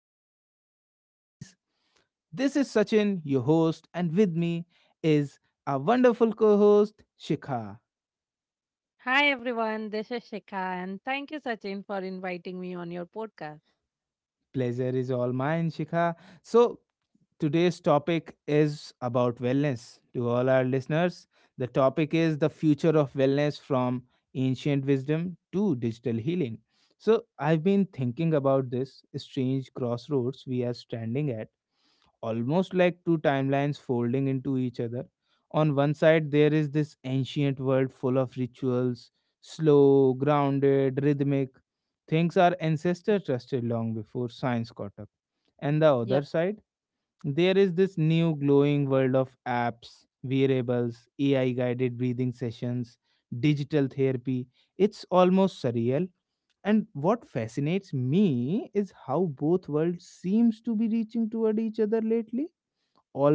of our podcast series. This is Sachin, your host, and with me is our wonderful co host, Shikha. Hi everyone, this is Shikha and thank you, Sachin, for inviting me on your podcast. Pleasure is all mine, Shikha. So, today's topic is about wellness. To all our listeners, the topic is the future of wellness from ancient wisdom to digital healing. So, I've been thinking about this strange crossroads we are standing at, almost like two timelines folding into each other. On one side, there is this ancient world full of rituals, slow, grounded, rhythmic. Things our ancestors trusted long before science caught up. And the Yeah. other side, there is this new glowing world of apps, wearables, AI guided breathing sessions, digital therapy. It's almost surreal. And what fascinates me is how both worlds seems to be reaching toward each other lately,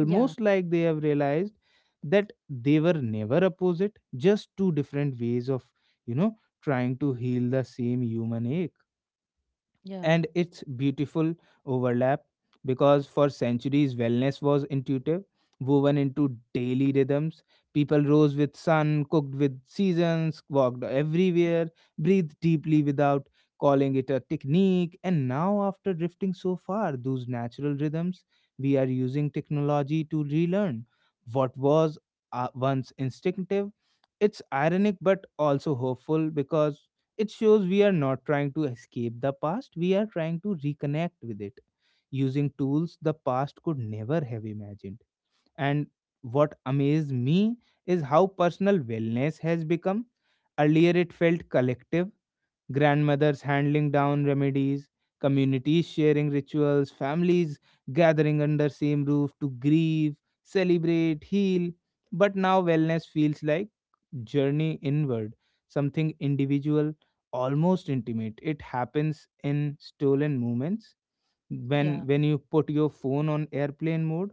Yeah, like they have realized that they were never opposite, just two different ways of, you know, trying to heal the same human ache, yeah, and its beautiful overlap. Because for centuries wellness was intuitive, woven into daily rhythms, people rose with sun, cooked with seasons, walked everywhere, breathed deeply without calling it a technique. And now, after drifting so far those natural rhythms, we are using technology to relearn what was once instinctive. It's ironic but also hopeful, because it shows we are not trying to escape the past, we are trying to reconnect with it using tools the past could never have imagined. And what amazed me is how personal wellness has become. Earlier, it felt collective, grandmothers handling down remedies, communities sharing rituals, families gathering under same roof to grieve, celebrate, heal. But now, wellness feels like journey inward, something individual, almost intimate. It happens in stolen moments yeah. when you put your phone on airplane mode,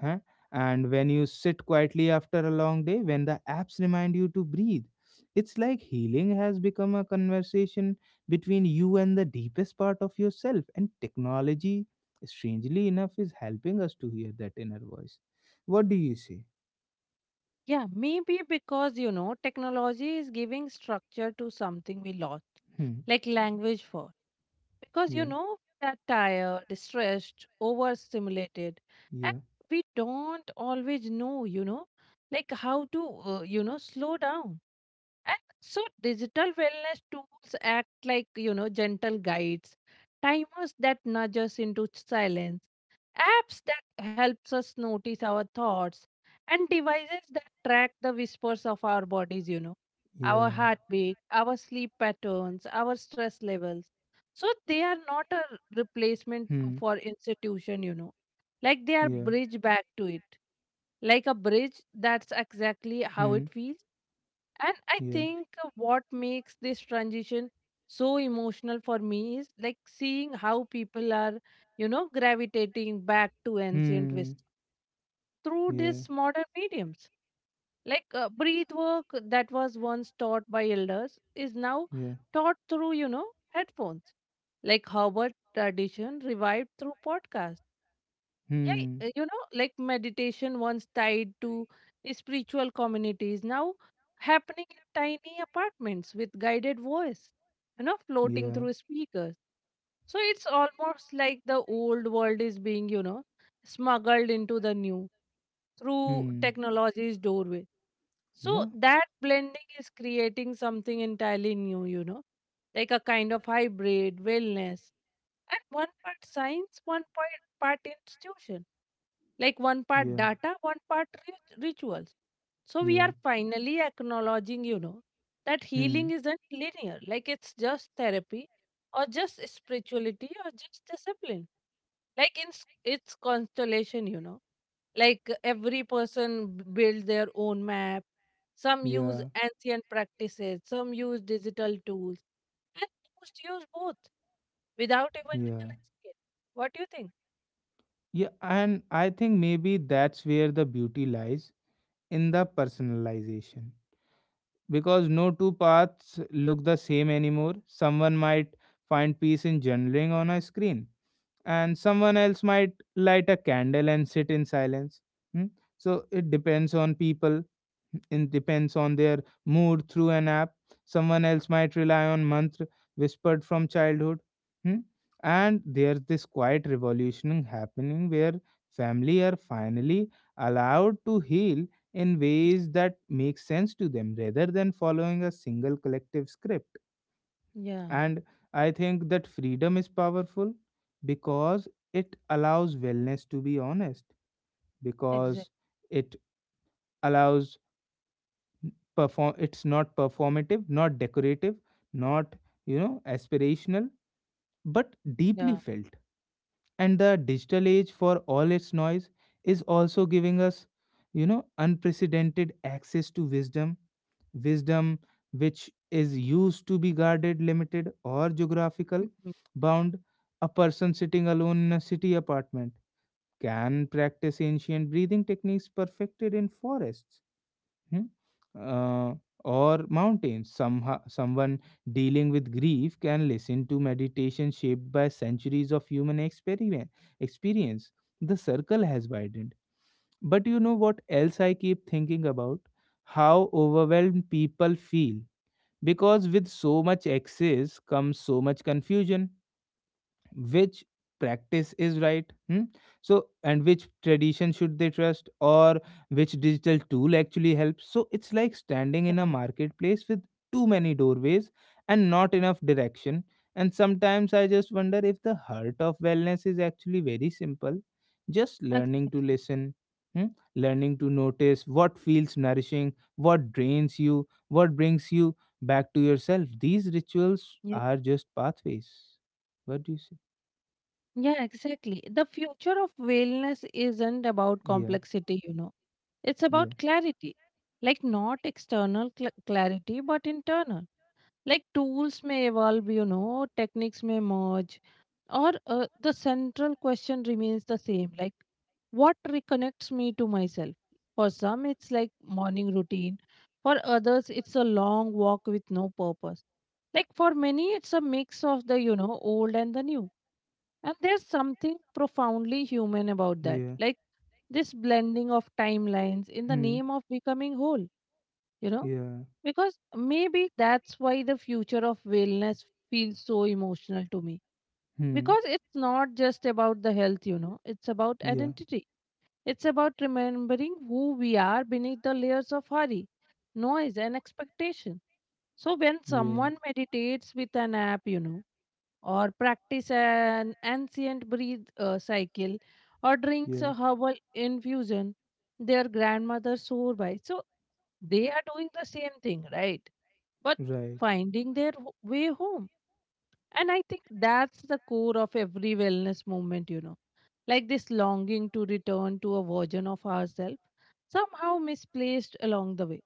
huh? And when you sit quietly after a long day, when the apps remind you to breathe. It's like healing has become a conversation between you and the deepest part of yourself, and technology, strangely enough, is helping us to hear that inner voice. What do you say? Yeah, maybe because technology is giving structure to something we lost, Hmm. like language for. Because Yeah. We are tired, stressed, overstimulated, and Yeah. we don't always know, like how to, slow down. And so digital wellness tools act like, gentle guides, timers that nudge us into silence, apps that helps us notice our thoughts, and devices that track the whispers of our bodies, our Yeah. heartbeat, our sleep patterns, our stress levels. So they are not a replacement to- Hmm. for institution, like they are Yeah. bridge back to it. Like a bridge, that's exactly how Hmm. it feels. And I Yeah. think what makes this transition so emotional for me is like seeing how people are, gravitating back to ancient Hmm. wisdom through Yeah. these modern mediums. Like breath work that was once taught by elders is now Yeah. taught through, headphones. Like Howard tradition revived through podcasts, yeah, Hmm. Like meditation once tied to spiritual communities, now happening in tiny apartments with guided voice, floating Yeah. through speakers. So it's almost like the old world is being, smuggled into the new through Hmm. technology's doorway. So Yeah. that blending is creating something entirely new, like a kind of hybrid wellness. And one part science, 1.0-part institution, like one part Yeah. data, one part rituals. So we Yeah. are finally acknowledging, that Hmm. healing isn't linear, like it's just therapy or just spirituality or just discipline. Like in its constellation, like every person build their own map. Some use Yeah. ancient practices, some use digital tools, and most use both without even Yeah. realizing it. What do you think? Yeah. And I think maybe that's where the beauty lies, in the personalization. Because no two paths look the same anymore. Someone might find peace in journaling on a screen, and someone else might light a candle and sit in silence. Hmm? So it depends on people, it depends on their mood through an app. Someone else might rely on mantra whispered from childhood. Hmm? And there's this quiet revolution happening where family are finally allowed to heal in ways that make sense to them rather than following a single collective script. Yeah, And I think that freedom is powerful, because it allows wellness to be honest, because exactly. it allows it's not performative, not decorative, not aspirational, but deeply Yeah. felt. And the digital age, for all its noise, is also giving us unprecedented access to wisdom which is used to be guarded, limited, or geographical Mhm. bound. A person sitting alone in a city apartment can practice ancient breathing techniques perfected in forests, hmm, uh, or mountains. Somehow, someone dealing with grief can listen to meditation shaped by centuries of human experience. The circle has widened. But you know what else I keep thinking about? How overwhelmed people feel, because with so much excess comes so much confusion. Which practice is right? Hmm? So, and which tradition should they trust, or which digital tool actually helps? So it's like standing in a Yeah, marketplace with too many doorways and not enough direction. And sometimes I just wonder if the heart of wellness is actually very simple, just learning exactly. to listen. Hmm? Learning to notice what feels nourishing, what drains you, what brings you back to yourself. These rituals Yeah. are just pathways. What do you say? Yeah, exactly. The future of wellness isn't about Yeah, complexity. It's yeah, about clarity. Like not external cl clarity, but internal. Like tools may evolve, techniques may merge, or the central question remains the same, like what reconnects me to myself? For some it's like morning routine, for others it's a long walk with no purpose, like for many it's a mix of the old and the new, and there's something profoundly human about that, yeah. like this blending of timelines in the Hmm. name of becoming whole, you know Yeah. because maybe that's why the future of wellness feels so emotional to me, Hmm. because it's not just about the health, it's about Yeah. identity, it's about remembering who we are beneath the layers of hurry, noise and expectation. So when Yeah. someone meditates with an app, or practice an ancient breathe cycle, or drinks Yeah. a herbal infusion their grandmother swore by, so they are doing the same thing, right? But Right. finding their way home. And I think that's the core of every wellness movement, like this longing to return to a version of ourselves, somehow misplaced along the way.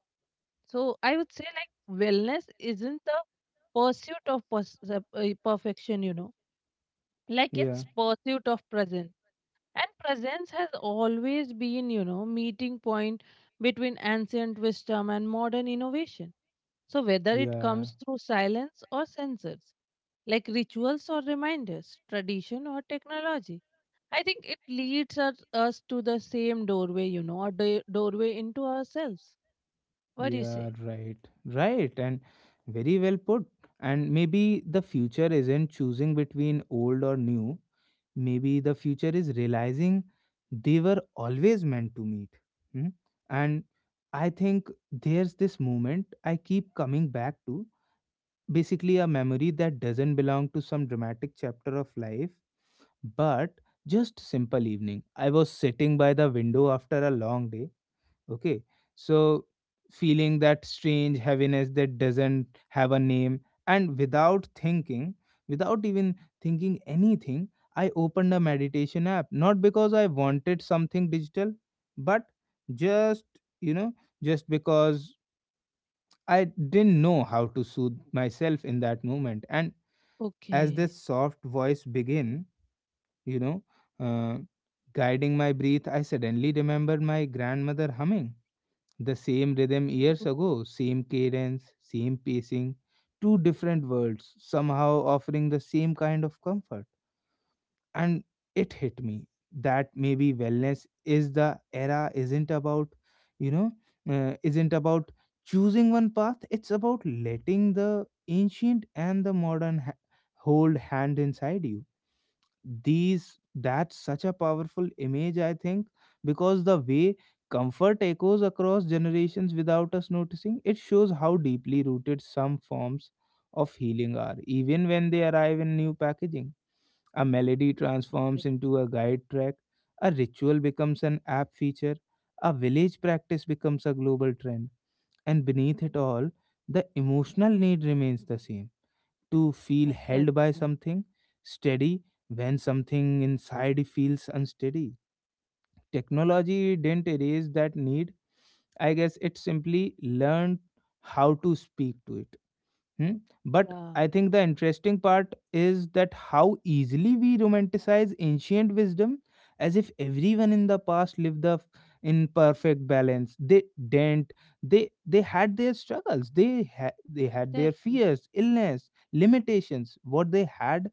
So I would say, like, wellness isn't the pursuit of perfection, like it's Yeah. pursuit of presence. And presence has always been, meeting point between ancient wisdom and modern innovation. So whether it Yeah. comes through silence or sensors, like rituals or reminders, tradition or technology. I think it leads us to the same doorway, a doorway into ourselves. What do you Yeah, say? right. Right. And very well put. And maybe the future isn't choosing between old or new. Maybe the future is realizing they were always meant to meet. Hmm? And I think there's this moment I keep coming back to, basically a memory that doesn't belong to some dramatic chapter of life, but just simple evening. I was sitting by the window after a long day. Okay. So, feeling that strange heaviness that doesn't have a name, and without thinking, without even thinking anything, I opened a meditation app. Not because I wanted something digital, but just, you know, just because I didn't know how to soothe myself in that moment. And as Okay. this soft voice began, you know, uh, guiding my breath, I suddenly remembered my grandmother humming the same rhythm years ago, same cadence, same pacing, two different worlds, somehow offering the same kind of comfort. And it hit me that maybe wellness is the era isn't about, you know, isn't about choosing one path, it's about letting the ancient and the modern hold hand inside you. These That's such a powerful image, I think, because the way comfort echoes across generations without us noticing, it shows how deeply rooted some forms of healing are, even when they arrive in new packaging. A melody Exactly. transforms into a guide track, a ritual becomes an app feature, a village practice becomes a global trend, and beneath it all the emotional need remains the same, to feel held by Exactly. something steady when something inside feels unsteady. Technology didn't erase that need. I guess it simply learned how to speak to it. Hmm? But Yeah, I think the interesting part is that how easily we romanticize ancient wisdom as if everyone in the past lived in perfect balance. They didn't. They had their struggles. They had their exactly. fears, illness, limitations. What they had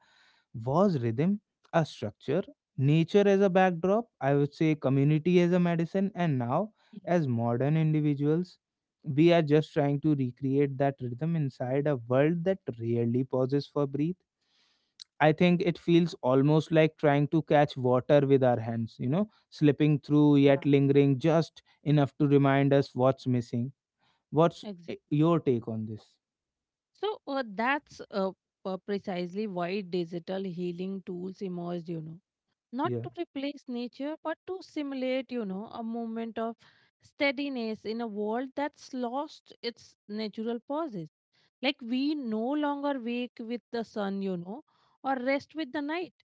was rhythm, a structure, nature as a backdrop, I would say community as a medicine. And now, as modern individuals, we are just trying to recreate that rhythm inside a world that rarely pauses for breath. I think it feels almost like trying to catch water with our hands, you know, slipping through yet Yeah. lingering just enough to remind us what's missing. What's Exactly. your take on this? So that's precisely why digital healing tools emerged. Not Yeah. to replace nature but to simulate a moment of steadiness in a world that's lost its natural pauses, like we no longer wake with the sun, or rest with the night.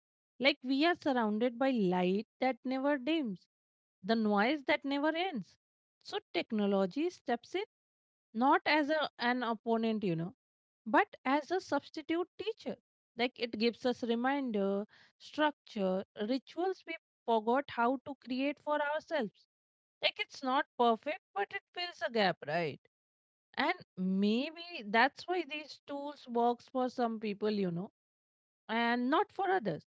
Like we are surrounded by light that never dims, the noise that never ends. So technology steps in, not as an opponent, but as a substitute teacher. Like it gives us reminder, structure, rituals we forgot how to create for ourselves. Like it's not perfect but it fills a gap, right? And maybe that's why these tools works for some people, and not for others.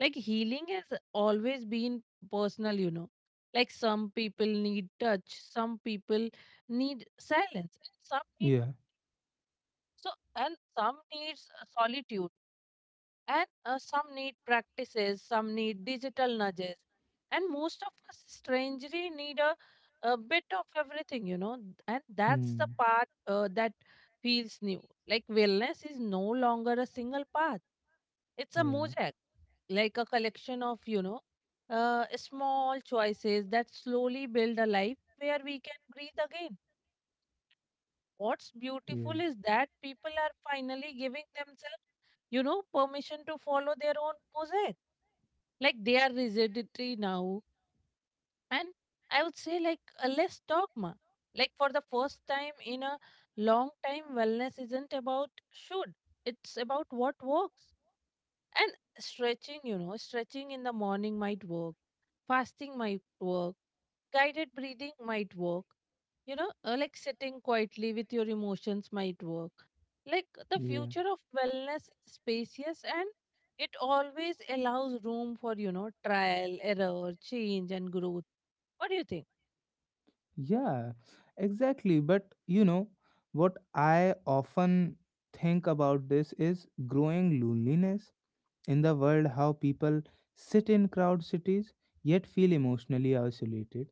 Like healing has always been personal, like some people need touch, some people need silence, and some need, Yeah. so and some needs solitude, and some need practices, some need digital nudges, and most of us strangely need a bit of everything, and that's the Hmm. part that feels new. Like wellness is no longer a single path, it's a Yeah. mosaic, like a collection of small choices that slowly build a life where we can breathe again. What's Yeah. beautiful is that people are finally giving themselves, permission to follow their own mosaic. Like they are rigidity now, and I would say like a less dogma. Like for the first time in a long time wellness isn't about should, it's about what works. And stretching, stretching in the morning might work, fasting might work, guided breathing might work, like sitting quietly with your emotions might work. Like the Yeah. future of wellness is spacious and it always allows room for, trial, error, change, and growth. What do you think? Yeah, exactly. But what I often think about this is growing loneliness in the world, how people sit in crowd cities yet feel emotionally isolated.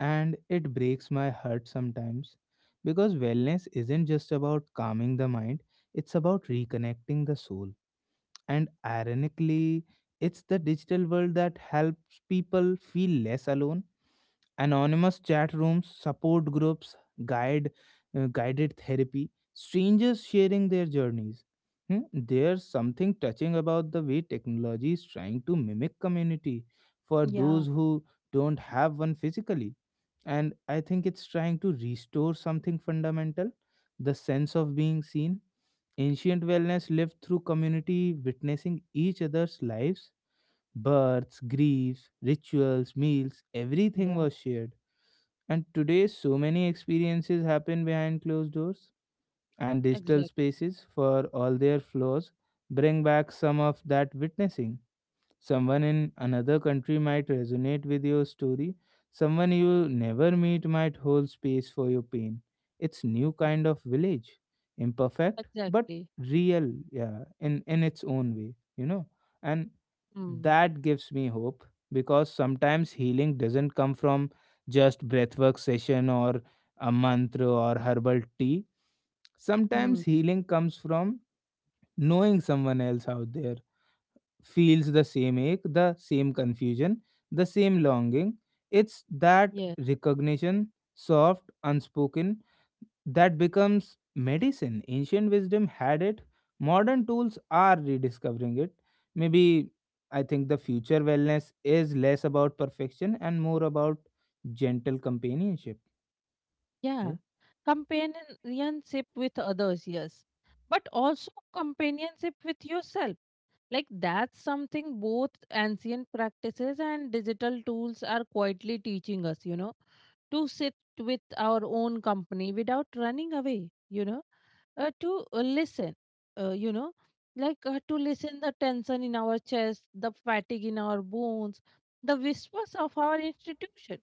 And it breaks my heart sometimes, because wellness isn't just about calming the mind, it's about reconnecting the soul. And ironically, it's the digital world that helps people feel less alone, anonymous chat rooms, support groups, guide guided therapy, strangers sharing their journeys. Hmm. There's something touching about the way technology is trying to mimic community for those Yeah, who don't have one physically. And I think it's trying to restore something fundamental, the sense of being seen. Ancient wellness lived through community, witnessing each other's lives, births, griefs, rituals, meals, everything yeah, was shared. And today, so many experiences happen behind closed doors, and digital exactly. spaces, for all their flaws, bring back some of that witnessing. Someone in another country might resonate with your story. Someone you never meet might hold space for your pain. It's new Yeah, kind of village, imperfect but exactly. real, yeah, in its own way. And Hmm. that gives me hope, because sometimes healing doesn't come from just breathwork session or a mantra or herbal tea. Sometimes Hmm. healing comes from knowing someone else out there feels the same ache, the same confusion, the same longing. It's that Yeah. recognition, soft, unspoken, that becomes medicine. Ancient wisdom had it, modern tools are rediscovering it. Maybe I think the future wellness is less about perfection and more about gentle companionship. Yeah. Yeah. Companionship with others, yes. But also companionship with yourself. Like that's something both ancient practices and digital tools are quietly teaching us, to sit with our own company without running away, to listen, uh, you know, like to listen the tension in our chest, the fatigue in our bones, the whispers of our institution.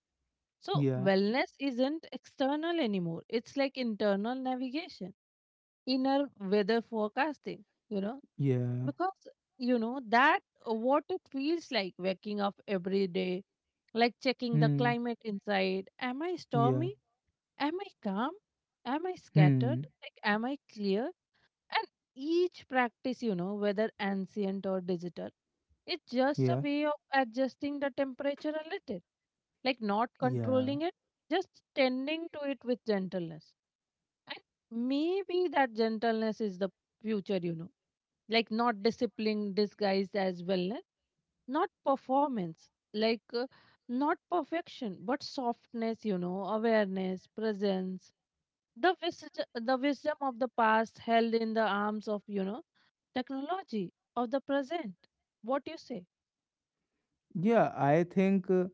So Yeah. wellness isn't external anymore. It's like internal navigation, inner weather forecasting, you know Yeah. because that what it feels like waking up every day, like checking the Hmm. climate inside. Am I Yeah. stormy? Am I calm? Am I scattered? Hmm. Like am I clear? And each practice, whether ancient or digital, it's just a Yeah. way of adjusting the temperature a little, like not Yeah. controlling it, just tending to it with gentleness. And maybe that gentleness is the future, like not discipline disguised as wellness, not performance, like not perfection but softness, awareness, presence, the wisdom of the past held in the arms of technology of the present. What do you say? Yeah, I think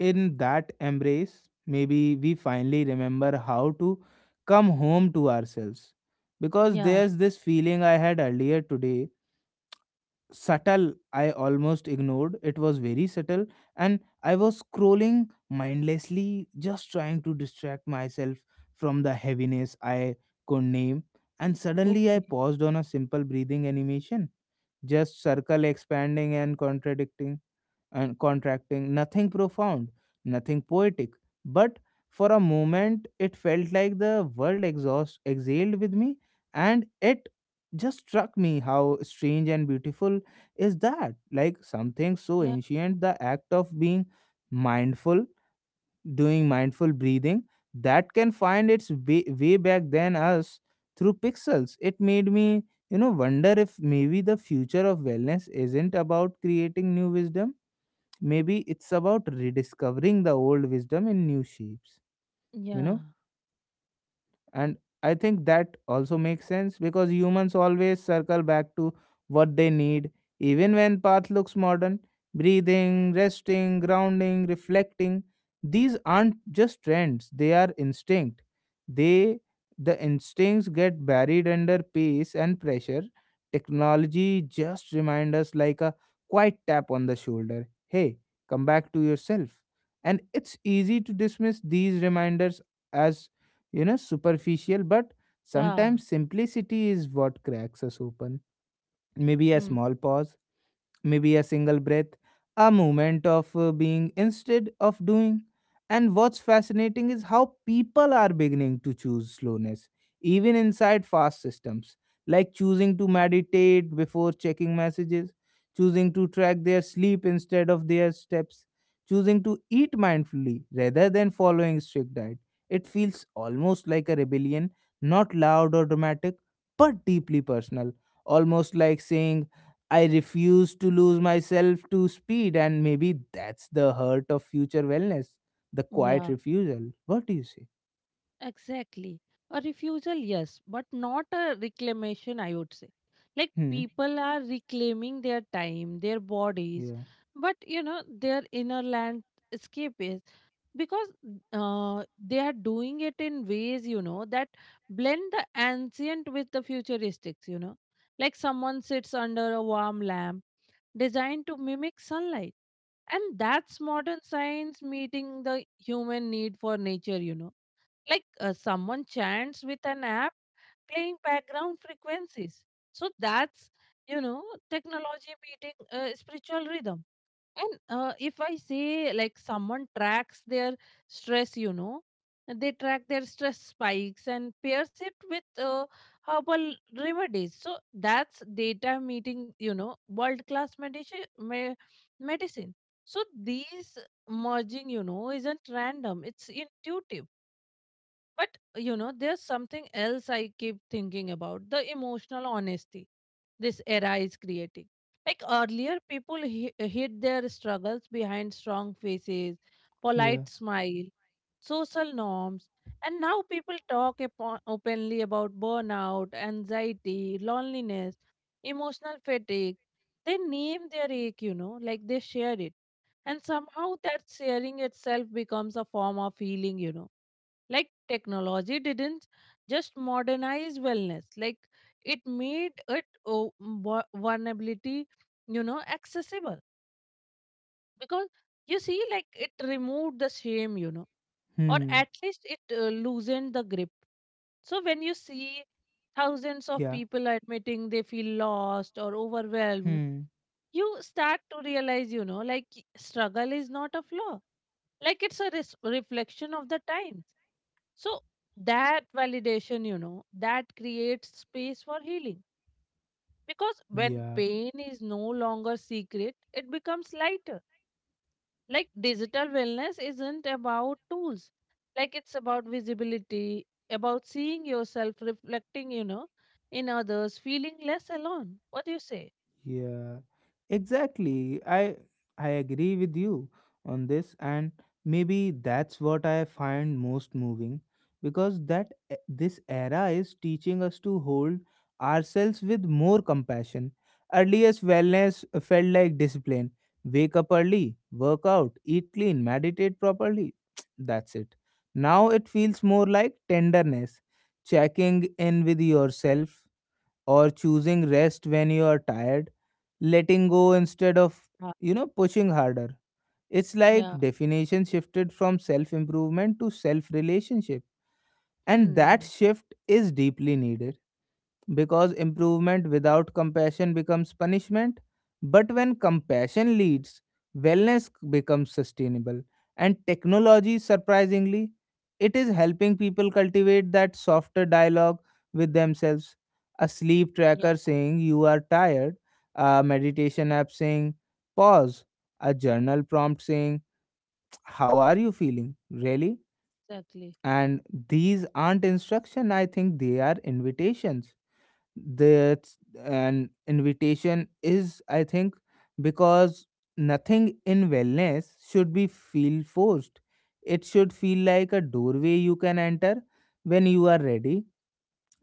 in that embrace, maybe we finally remember how to come home to ourselves. Because Yeah. there's this feeling I had earlier today, subtle, I almost ignored. It was very subtle, and I was scrolling mindlessly, just trying to distract myself from the heaviness I could name. And suddenly I Okay. paused on a simple breathing animation, just circle expanding and contradicting and contracting, nothing profound, nothing poetic. But for a moment, it felt like the world exhaust exhaled with me, and it just struck me how strange and beautiful is that. Like something so Yeah. ancient, the act of being mindful, doing mindful breathing, that can find its way, way back than us through pixels, it made me wonder if maybe the future of wellness isn't about creating new wisdom. Maybe it's about rediscovering the old wisdom in new shapes you know Yeah. and I think that also makes sense, because humans always circle back to what they need, even when path looks modern. Breathing, resting, grounding, reflecting. These aren't just trends, they are instinct. They the instincts get buried under pace and pressure. Technology just reminds us like a quiet tap on the shoulder. Hey, come back to yourself. And it's easy to dismiss these reminders as superficial, but Yeah. sometimes simplicity is what cracks us open. Maybe a Hmm. small pause, maybe a single breath, a moment of being instead of doing. And what's fascinating is how people are beginning to choose slowness, even inside fast systems, like choosing to meditate before checking messages, choosing to track their sleep instead of their steps, choosing to eat mindfully rather than following strict diet. It feels almost like a rebellion, not loud or dramatic, but deeply personal, almost like saying, I refuse to lose myself to speed, and maybe that's the hurt of future wellness, the quiet Yeah. refusal. What do you say? Exactly. A refusal, yes, but not a reclamation, I would say. Like Hmm. people are reclaiming their time, their bodies, Yeah. but their inner land escape is, because they are doing it in ways, that blend the ancient with the futuristics. Like someone sits under a warm lamp designed to mimic sunlight. And that's modern science meeting the human need for nature, like someone chants with an app playing background frequencies, so that's you know technology meeting spiritual rhythm. And if I say like someone tracks their stress, they track their stress spikes and pairs it with herbal remedies, so that's data meeting world class medicine. So these merging, isn't random, it's intuitive. But there's something else I keep thinking about, the emotional honesty this era is creating. Like earlier, people hid their struggles behind strong faces, Yeah. polite smile, social norms, and now people talk upon, openly about burnout, anxiety, loneliness, emotional fatigue. They name their ache, like they share it. And somehow that sharing itself becomes a form of healing, like technology didn't just modernize wellness, like it made it vulnerability, accessible because you see, like it removed the shame, or Hmm. at least it loosened the grip. So when you see thousands of Yeah. people admitting they feel lost or overwhelmed, Hmm. you start to realize, like struggle is not a flaw, like it's a reflection of the times. So that validation, that creates space for healing, because when Yeah. pain is no longer secret it becomes lighter. Like digital wellness isn't about tools, like it's about visibility, about seeing yourself reflecting, in others, feeling less alone. What do you say? Yeah, exactly. I agree with you on this, and maybe that's what I find most moving, because this era is teaching us to hold ourselves with more compassion. Earliest wellness felt like discipline. Wake up early, work out, eat clean, meditate properly. That's it. Now it feels more like tenderness, checking in with yourself or choosing rest when you are tired, letting go instead of, Yeah. Pushing harder. It's like Yeah. definition shifted from self improvement to self relationship. And Hmm. that shift is deeply needed, because improvement without compassion becomes punishment. But when compassion leads, wellness becomes sustainable. And technology, surprisingly, it is helping people cultivate that softer dialogue with themselves. A sleep Yeah. tracker saying you are tired, a meditation app saying pause, a journal prompt saying how are you feeling, really? Exactly. And these aren't instruction, I think they are invitations. That's an invitation, is I think, because nothing in wellness should be feel forced. It should feel like a doorway you can enter when you are ready.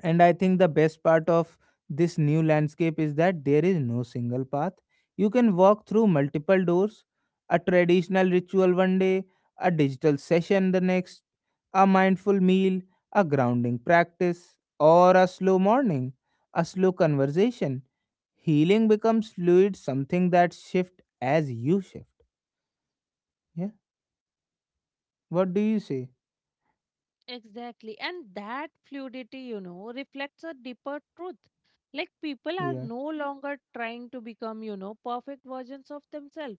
And I think the best part of this new landscape is that there is no single path. You can walk through multiple doors, a traditional ritual one day, a digital session the next, a mindful meal, a grounding practice, or a slow morning, a slow conversation. Healing becomes fluid, something that shifts as you shift. Yeah. What do you say? Exactly. And that fluidity, reflects a deeper truth. Like people are Yeah. no longer trying to become, perfect versions of themselves.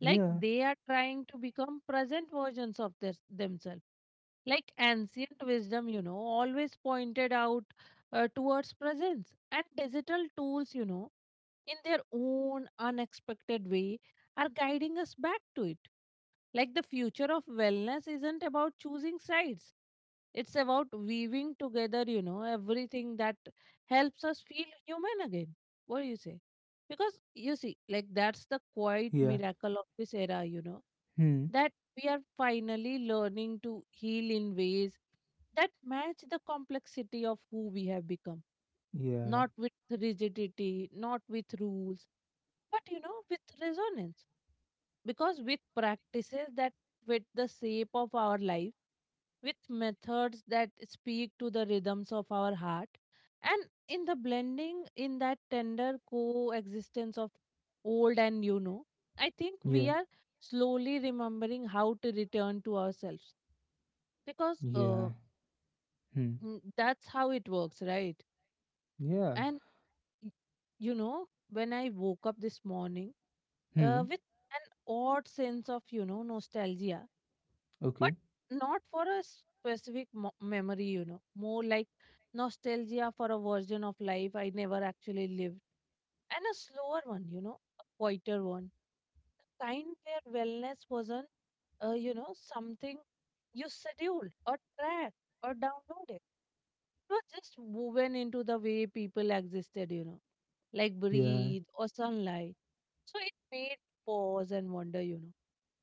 Like Yeah. they are trying to become present versions of this, themselves. Like ancient wisdom, always pointed out towards presence. And digital tools, in their own unexpected way, are guiding us back to it. Like the future of wellness isn't about choosing sides. It's about weaving together, everything that helps us feel human again. What do you say? Because you see, like that's the quiet Yeah. miracle of this era, you know, Hmm. that we are finally learning to heal in ways that match the complexity of who we have become. Yeah. Not with rigidity, not with rules, but you know, with resonance. Because with practices that fit the shape of our life, with methods that speak to the rhythms of our heart, and in the blending, in that tender coexistence of old and you know, I think we Yeah. are slowly remembering how to return to ourselves because Yeah. Hmm. That's how it works, right? Yeah. and y- you know, when I woke up this morning Hmm. with an odd sense of, you know, nostalgia, but Okay. not for a specific memory, you know, more like nostalgia for a version of life I never actually lived, and a slower one, you know, a quieter one, kind where wellness wasn't, you know, something you scheduled or tracked or downloaded. It was just woven into the way people existed, you know, like Yeah. breathe or sunlight. So it made pause and wonder, you know,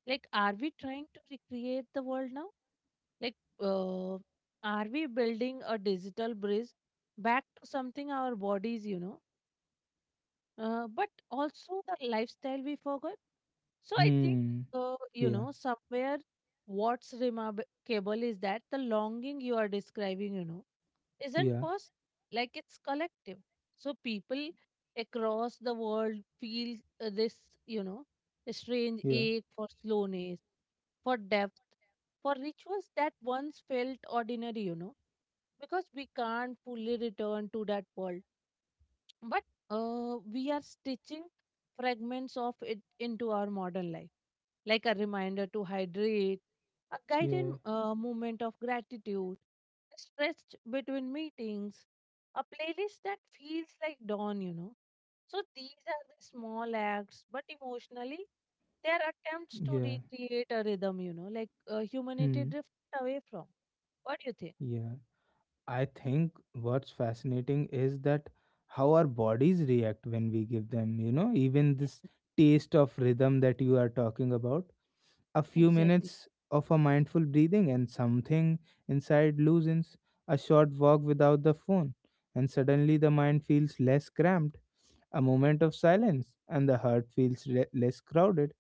like, are we trying to recreate the world now? Like, are we building a digital bridge back to something our bodies, you know, but also the lifestyle we forgot? So I think, Hmm. You Yeah. know, somewhere what's remarkable is that the longing you are describing, you know, isn't Yeah. personal, like it's collective. So people across the world feel this, you know, strange Yeah. ache for slowness, for depth, for rituals that once felt ordinary, you know, because we can't fully return to that world, but we are stitching fragments of it into our modern life, like a reminder to hydrate, a guided Yeah. Moment of gratitude, a stretch between meetings, a playlist that feels like dawn, you know. So these are the small acts, but emotionally they are attempts to Yeah. recreate a rhythm, you know, like humanity Hmm. drifts away from. What do you think? Yeah. I think what's fascinating is that how our bodies react when we give them, you know, even Yeah, this taste of rhythm that you are talking about. A few exactly, minutes of a mindful breathing, and something inside loosens, a short walk without the phone, and suddenly the mind feels less cramped, a moment of silence, and the heart feels less crowded.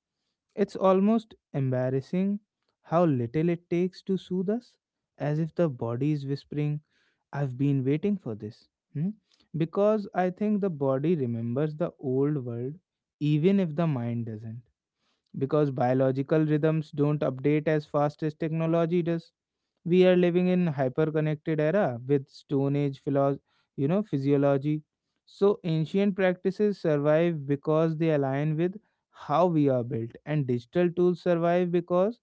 It's almost embarrassing how little it takes to soothe us, as if the body is whispering, I've been waiting for this. Hmm? Because I think the body remembers the old world even if the mind doesn't, because biological rhythms don't update as fast as technology does. We are living in hyper-connected era with Stone Age you know, physiology. So ancient practices survive because they align with how we are built, and digital tools survive because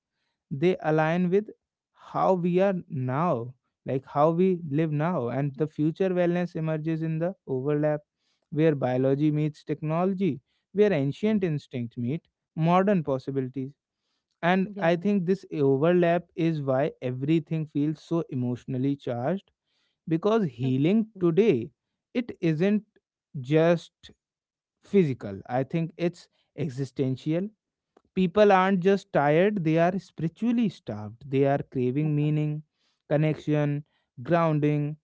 they align with how we are now, like how we live now. And the future wellness emerges in the overlap where biology meets technology, where ancient instincts meet modern possibilities. And yeah. I think this overlap is why everything feels so emotionally charged, because healing today, it isn't just physical, I think it's existential. People aren't just tired, they are spiritually starved, they are craving meaning, connection, grounding,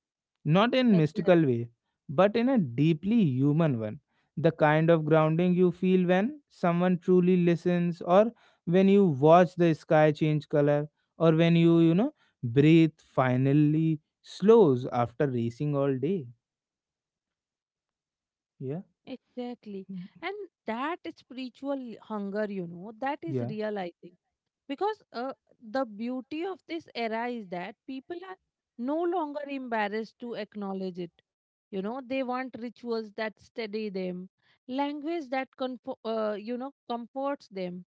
not in Exactly. mystical way, but in a deeply human one, the kind of grounding you feel when someone truly listens, or when you watch the sky change color, or when you know breathe finally slows after racing all day. Yeah. Exactly. And that spiritual hunger, you know, that is Yeah. real, I think. Because the beauty of this era is that people are no longer embarrassed to acknowledge it. You know, they want rituals that steady them, language that, you know, comforts them,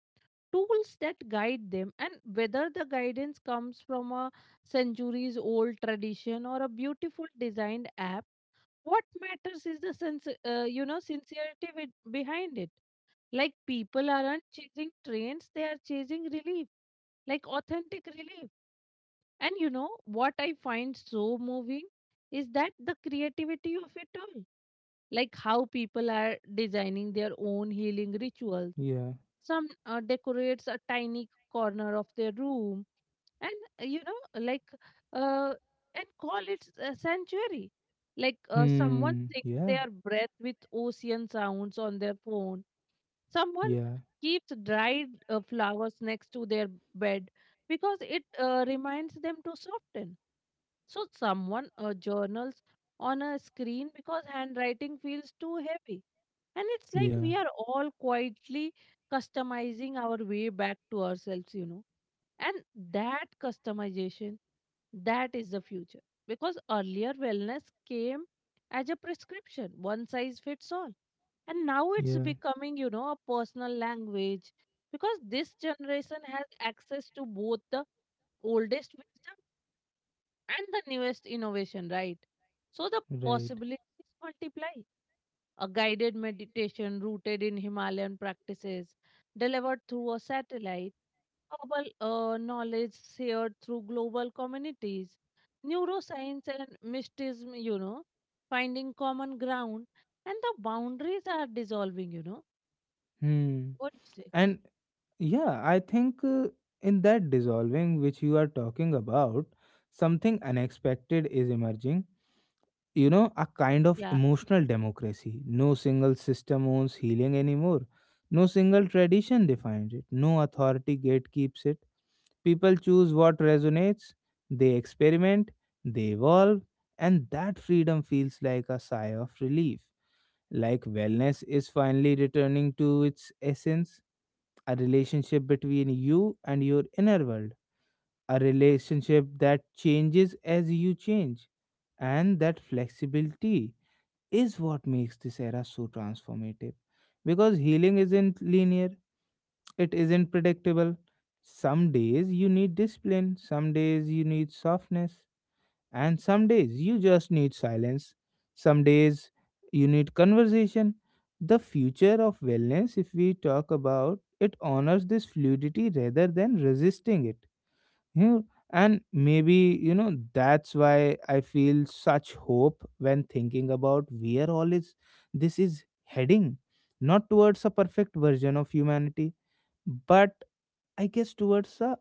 tools that guide them. And whether the guidance comes from a centuries old tradition or a beautiful designed app, what matters is the sense you know, sincerity with, behind it. Like people aren't chasing trends, they are chasing relief, like authentic relief. And you know what I find so moving is that the creativity of it all, like how people are designing their own healing rituals. Yeah. Some decorates a tiny corner of their room and uh, you know like uh, and call it a sanctuary. Like someone Hmm. takes Yeah. their breath with ocean sounds on their phone, someone Yeah. keeps dried flowers next to their bed because it reminds them to soften. So someone journals on a screen because handwriting feels too heavy. And it's like we Yeah. are all quietly customizing our way back to ourselves, you know. And that customization, that is the future. Because earlier wellness came as a prescription, one size fits all. And now it's Yeah. becoming, you know, a personal language. Because this generation has access to both the oldest wisdom and the newest innovation, right? So the Right. possibilities multiply: a guided meditation rooted in Himalayan practices, delivered through a satellite, global knowledge shared through global communities, neuroscience and mysticism, you know, finding common ground, and the boundaries are dissolving, you know. Hmm. What do you say? And yeah, I think in that dissolving which you are talking about, something unexpected is emerging. You know, a kind of Yeah, emotional democracy. No single system owns healing anymore. No single tradition defines it. No authority gatekeeps it. People choose what resonates, they experiment, they evolve, and that freedom feels like a sigh of relief. Like wellness is finally returning to its essence, a relationship between you and your inner world, a relationship that changes as you change. And that flexibility is what makes this era so transformative. Because healing isn't linear, it isn't predictable. Some days you need discipline, some days you need softness, and some days you just need silence. Some days you need conversation. The future of wellness, if we talk about it, honors this fluidity rather than resisting it. You know, and maybe, you know, that's why I feel such hope when thinking about where all is this is heading. Not towards a perfect version of humanity, but I guess towards a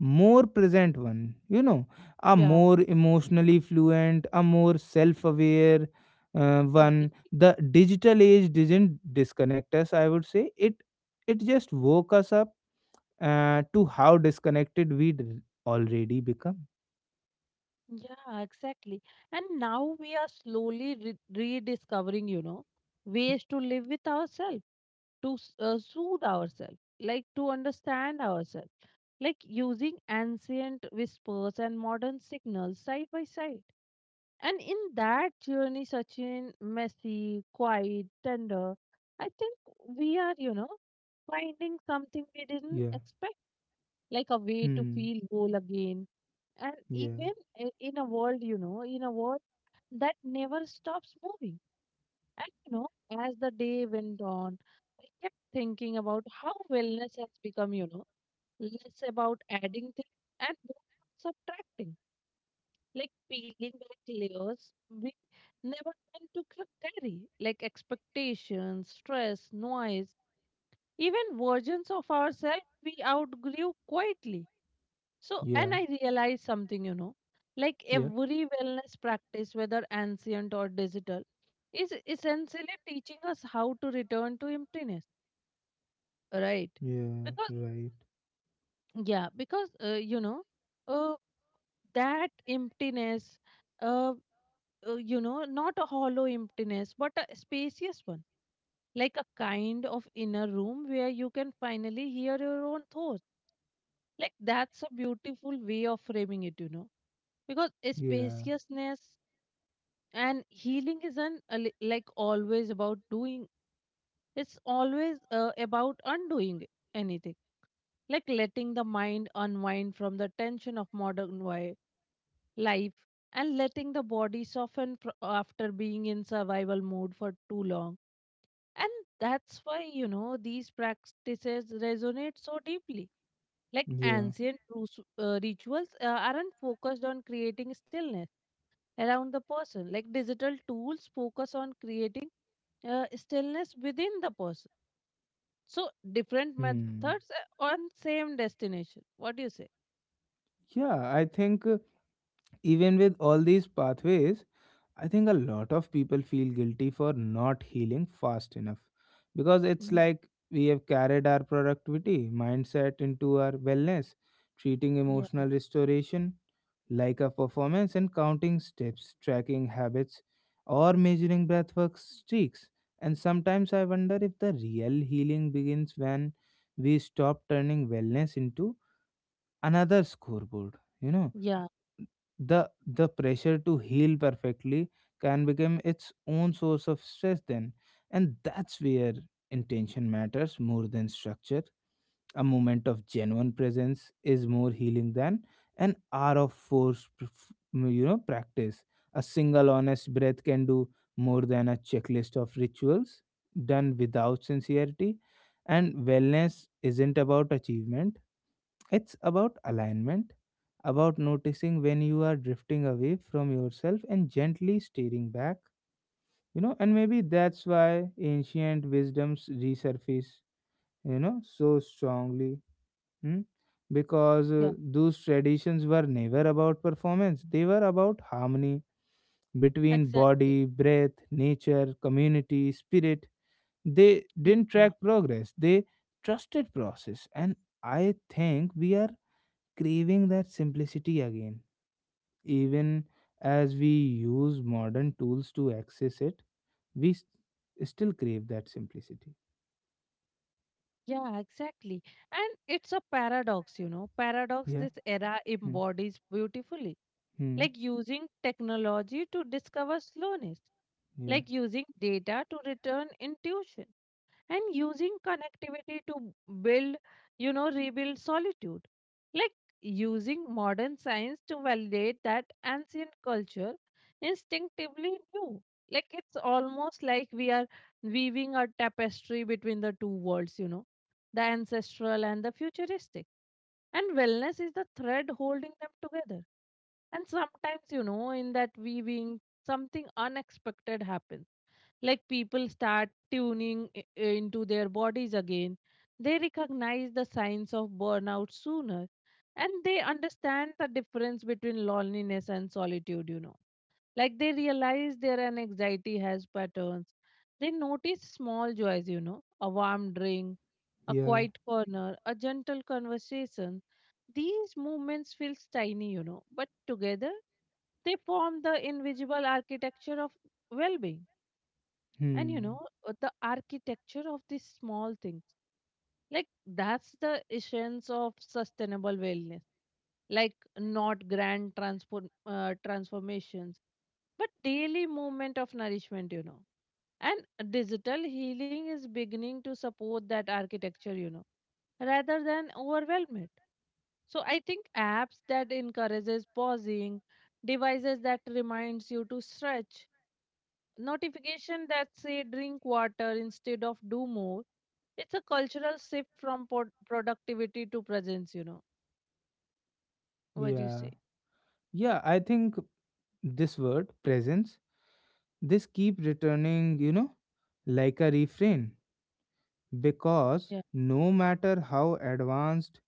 more present one, you know, a yeah, more emotionally fluent, a more self-aware one. exactly. The digital age didn't disconnect us, I would say it, it just woke us up to how disconnected we'd already become. Yeah, exactly. And now we are slowly rediscovering, you know, ways to live with ourselves, to soothe ourselves, like to understand ourselves, like using ancient whispers and modern signals side by side. And in that journey, Sachin, messy, quiet, tender, I think we are, you know, finding something we didn't Yeah. expect, like a way to Hmm. feel whole again, and even Yeah. In a world, you know, in a world that never stops moving. And, you know, as the day went on, I kept thinking about how wellness has become, you know, less about adding things and more about subtracting, like peeling back layers we never meant to carry, like expectations, stress, noise, even versions of ourselves we outgrew quietly. So, and Yeah. I realized something, you know, like Yeah. every wellness practice, whether ancient or digital, is essentially teaching us how to return to emptiness, right? Yeah. Because, Right. yeah, because, uh, that emptiness, uh, you know, not a hollow emptiness, but a spacious one, like a kind of inner room where you can finally hear your own thoughts. Like that's a beautiful way of framing it, you know, because Yeah. spaciousness and healing isn't like always about doing. It's always about undoing anything, like letting the mind unwind from the tension of life, and letting the body soften after being in survival mode for too long. And that's why, you know, these practices resonate so deeply. Like Yeah. ancient rituals aren't focused on creating stillness around the person. Like digital tools focus on creating stillness within the person. So different methods Hmm. On same destination. What do you say? Yeah, I think even with all these pathways, I think a lot of people feel guilty for not healing fast enough, because it's Yeah, like we have carried our productivity mindset into our wellness, treating yeah, emotional restoration like a performance and counting steps, tracking habits, or measuring breathwork streaks. And sometimes I wonder if the real healing begins when we stop turning wellness into another scoreboard, you know, yeah, the pressure to heal perfectly can become its own source of stress then, and that's where intention matters more than structure. A moment of genuine presence is more healing than an hour of forced, you know, practice. A single honest breath can do more than a checklist of rituals done without sincerity. And wellness isn't about achievement; it's about alignment, about noticing when you are drifting away from yourself and gently steering back. You know, and maybe that's why ancient wisdoms resurface, you know, so strongly. Hmm? Because yeah. Those traditions were never about performance, they were about harmony between Exactly. body, breath, nature, community, spirit. They Yeah, didn't track progress, they trusted process. And I think we are craving that simplicity again. Even as we use modern tools to access it, we still crave that simplicity. yeah, exactly. And it's a paradox, you know. Paradox Yeah. this era Hmm. embodies beautifully, Hmm. like using technology to discover slowness, Yeah. like using data to return intuition, and using connectivity to build, you know, rebuild solitude. Like using modern science to validate that ancient culture instinctively knew. Like it's almost like we are weaving a tapestry between the two worlds, you know, the ancestral and the futuristic. And wellness is the thread holding them together. And sometimes, you know, in that weaving, something unexpected happens, like people start into their bodies again, they recognize the signs of burnout sooner, and they understand the difference between loneliness and solitude, you know. Like they realize their anxiety has patterns, they notice small joys, you know, a warm drink, a Yeah. quiet corner, a gentle conversation. These movements feel tiny, you know, but together they form the invisible architecture of well-being. And you know, Hmm. The architecture of these small things, like that's the essence of sustainable wellness, like not grand transformations, but daily movement of nourishment, you know. And digital healing is beginning to support that architecture, you know, rather than overwhelm it. So I think apps that encourages pausing, devices that reminds you to stretch, notification that say drink water instead of do more, it's a cultural shift from productivity to presence, you know. What do you Yeah. say? Yeah. I think this word presence, this keep returning, you know, like a refrain, because Yeah, no matter how advanced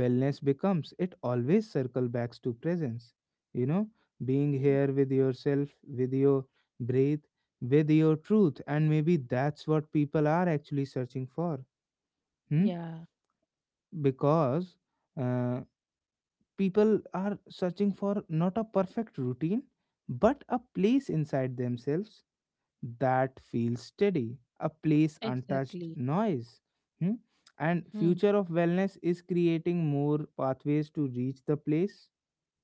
wellness becomes, it always circle back to presence, you know, being mm, here with yourself, with your breath, with your truth, and maybe that's what people are actually searching for. Hmm? yeah, Because uh, people are searching for not a perfect routine, but a place inside themselves that feels steady, a place untouched exactly. noise. Hmm? And Hmm. future of wellness is creating more pathways to reach the place.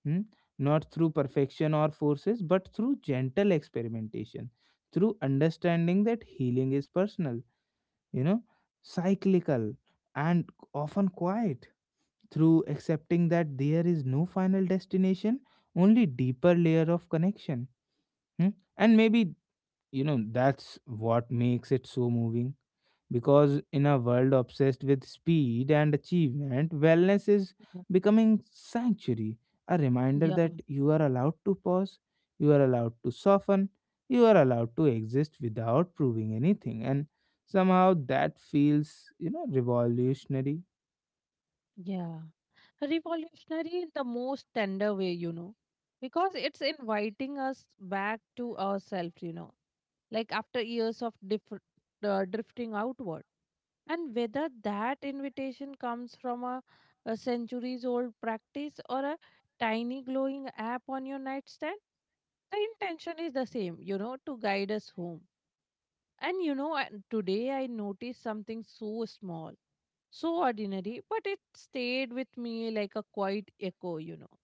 Hmm? Not through perfection or forces, but through gentle experimentation, through understanding that healing is personal, you know, cyclical, and often quiet, through accepting that there is no final destination, only deeper layer of connection. Hmm? And maybe, you know, that's what makes it so moving, because in a world obsessed with speed and achievement, wellness is becoming sanctuary, a reminder Yeah, that you are allowed to pause, you are allowed to soften, you are allowed to exist without proving anything. And somehow that feels, you know, revolutionary. yeah, revolutionary in the most tender way, you know, because it's inviting us back to ourselves, you know, like after years of drifting outward. And whether that invitation comes from a centuries old practice or a tiny glowing app on your nightstand, the intention is the same, you know, to guide us home. And you know, today I noticed something so small, so ordinary, but it stayed with me like a quiet echo, you know.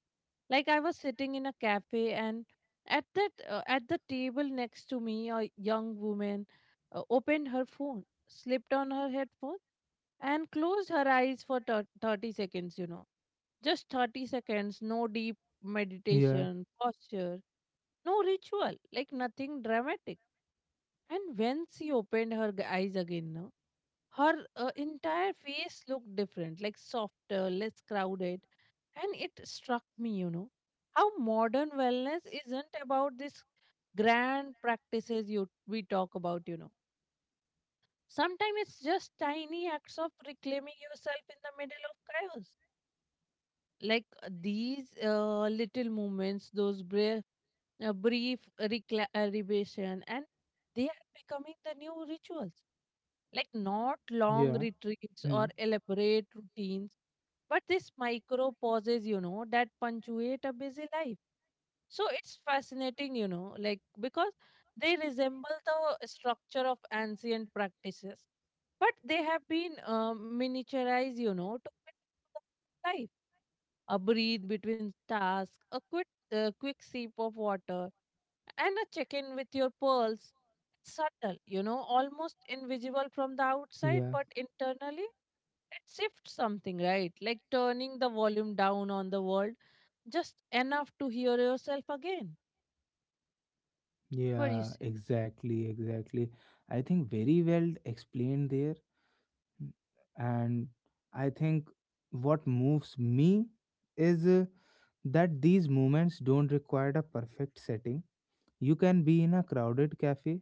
Like I was sitting in a cafe, and at that at the table next to me, a young woman opened her phone, slipped on her headphone, and closed her eyes for 30 seconds. You know, just 30 seconds, no deep Yeah, meditation, posture, no ritual, like nothing dramatic. And when she opened her eyes again, no, her entire face looked different, like softer, less crowded. And it struck me, you know, how modern wellness isn't about this grand practices you we talk about, you know. Sometimes it's just tiny acts of reclaiming yourself in the middle of chaos. Like these little moments, those brief, rebation, and they are becoming the new rituals, like not long yeah, retreats hmm, or elaborate routines, but these micro pauses, you know, that punctuate a busy life. So it's fascinating, you know, like because they resemble the structure of ancient practices, but they have been miniaturized, you know, to fit into the life. A breathe between tasks, a quick, quick sip of water, and a check in with your pearls. Subtle, you know, almost invisible from the outside, yeah, but internally it shifts something, right? Like turning the volume down on the world just enough to hear yourself again. What do you yeah, say? exactly, exactly. I think very well explained there, and I think what moves me is that these moments don't require a perfect setting. You can be in a crowded cafe,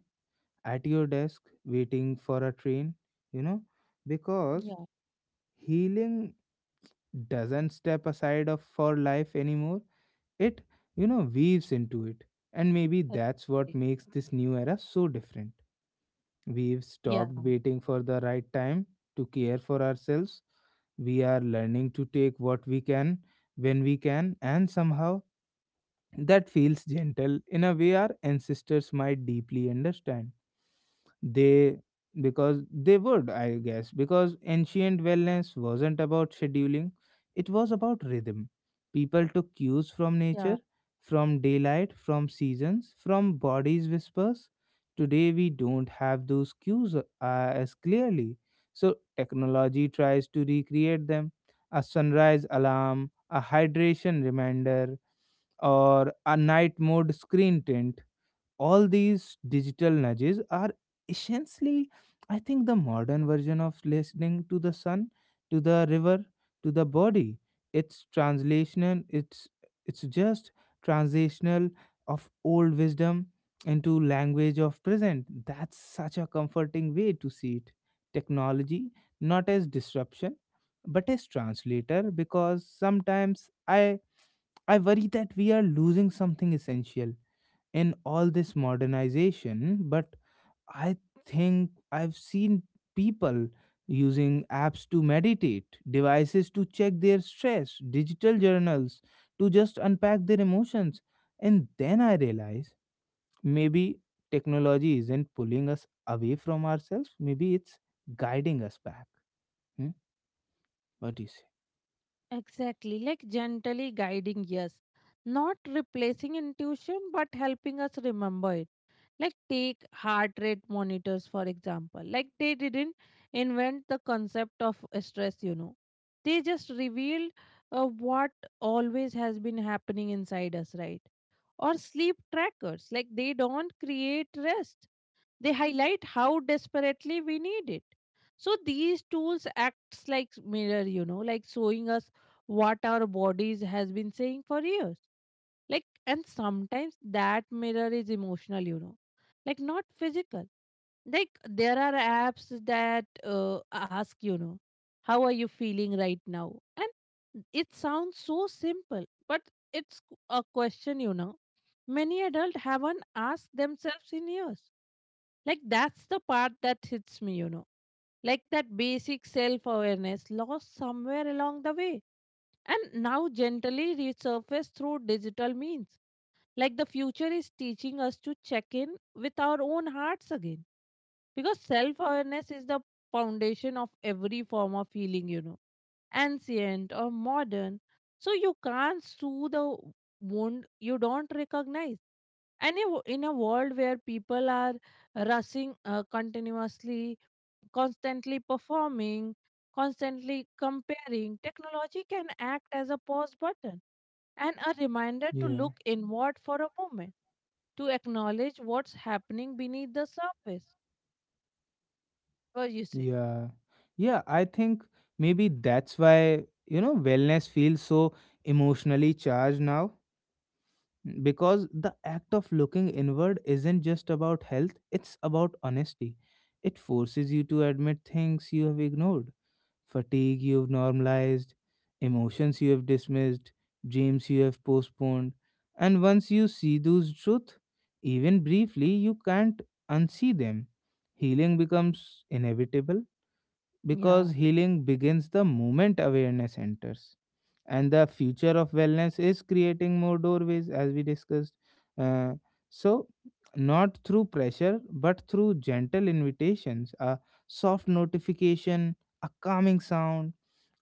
at your desk, waiting for a train, you know, because Yeah, healing doesn't step aside of for life anymore, it, you know, weaves into it. And maybe that's what exactly. makes this new era so different. We've Yeah, stopped waiting for the right time to care for ourselves. We are learning to take what we can when we can, and somehow that feels gentle in a way our ancestors might deeply understand. They, because they would, I guess, because ancient wellness wasn't about scheduling, it was about rhythm. People took cues from nature, yeah, from daylight, from seasons, from bodies' whispers. Today, we don't have those cues as clearly. So, technology tries to recreate them, a sunrise alarm, a hydration reminder, or a night mode screen tint. All these digital nudges are essentially, I think, the modern version of listening to the sun, to the river, to the body. It's translational, it's just transitional of old wisdom into language of present. That's such a comforting way to see it. Technology, not as disruption, but as translator, because sometimes I worry that we are losing something essential in all this modernization, but I think I've seen people using apps to meditate, devices to check their stress, digital journals to just unpack their emotions. And then I realize maybe technology isn't pulling us away from ourselves, maybe it's guiding us back. Hmm? What do you say? exactly. Like gently guiding, yes. Not replacing intuition, but helping us remember it, like take heart rate monitors for example, like they didn't invent the concept of stress, you know, they just revealed what always has been happening inside us, right? Or sleep trackers, like they don't create rest, they highlight how desperately we need it. So these tools acts like mirror, you know, like showing us what our bodies has been saying for years. Like and sometimes that mirror is emotional, you know. Like not physical, like there are apps that ask, you know, how are you feeling right now, and it sounds so simple but it's a question, you know, many adults haven't asked themselves in years. Like, that's the part that hits me, you know. Like that basic self awareness lost somewhere along the way and now gently resurfaced through digital means. Like the future is teaching us to check in with our own hearts again. Because self awareness is the foundation of every form of healing, you know, ancient or modern. So you can't soothe the wound you don't recognize. And in a world where people are rushing continuously, constantly performing, constantly comparing, technology can act as a pause button and a reminder to Yeah. look inward for a moment, to acknowledge what's happening beneath the surface. What you say? Yeah. Yeah, I think maybe that's why, you know, wellness feels so emotionally charged now because the act of looking inward isn't just about health, it's about honesty. It forces you to admit things you have ignored, fatigue you have normalized, emotions you have dismissed, dreams you have postponed. And once you see those truths, even briefly, you can't unsee them. Healing becomes inevitable Yeah, because healing begins the moment awareness enters. And the future of wellness is creating more doorways, as we discussed. Uh, so, Not through pressure, but through gentle invitations, a soft notification, a calming sound,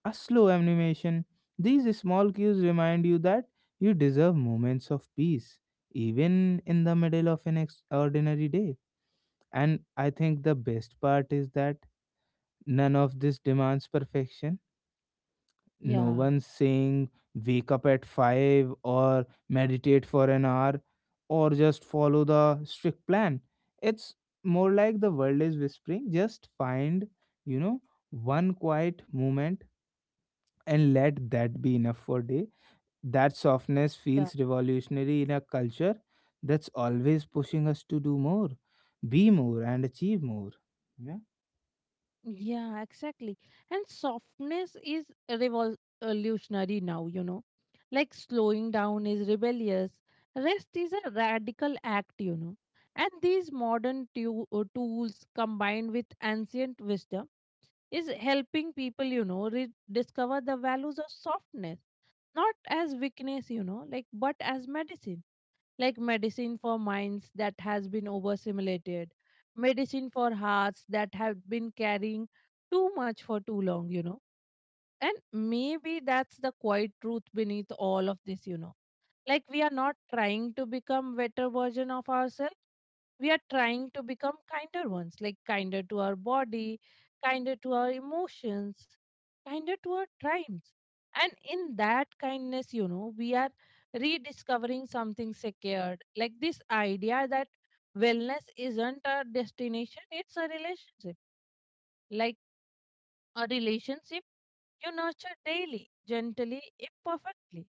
a slow animation. These small cues remind you that you deserve moments of peace, even in the middle of an ordinary day. And I think the best part is that none of this demands perfection. No yeah, one's saying wake up at 5 or meditate for an hour or just follow the strict plan. It's more like the world is whispering just find, you know, one quiet moment and let that be enough for day. That softness yeah. feels revolutionary in a culture that's always pushing us to do more, be more, and achieve more. Yeah. Yeah, exactly. And softness is revolutionary now, you know. Like slowing down is rebellious, rest is a radical act, you know. And these modern tools combined with ancient wisdom is helping people, you know, rediscover the values of softness. Not as weakness, you know, like but as medicine. Like medicine for minds that has been overstimulated, medicine for hearts that have been carrying too much for too long, you know. And maybe that's the quiet truth beneath all of this, you know. Like we are not trying to become better version of ourselves, we are trying to become kinder ones, like kinder to our body, kinder to our emotions, kinder to our times. And in that kindness, you know, we are rediscovering something secured, like this idea that wellness isn't a destination, it's a relationship. Like a relationship you nurture daily, gently, imperfectly.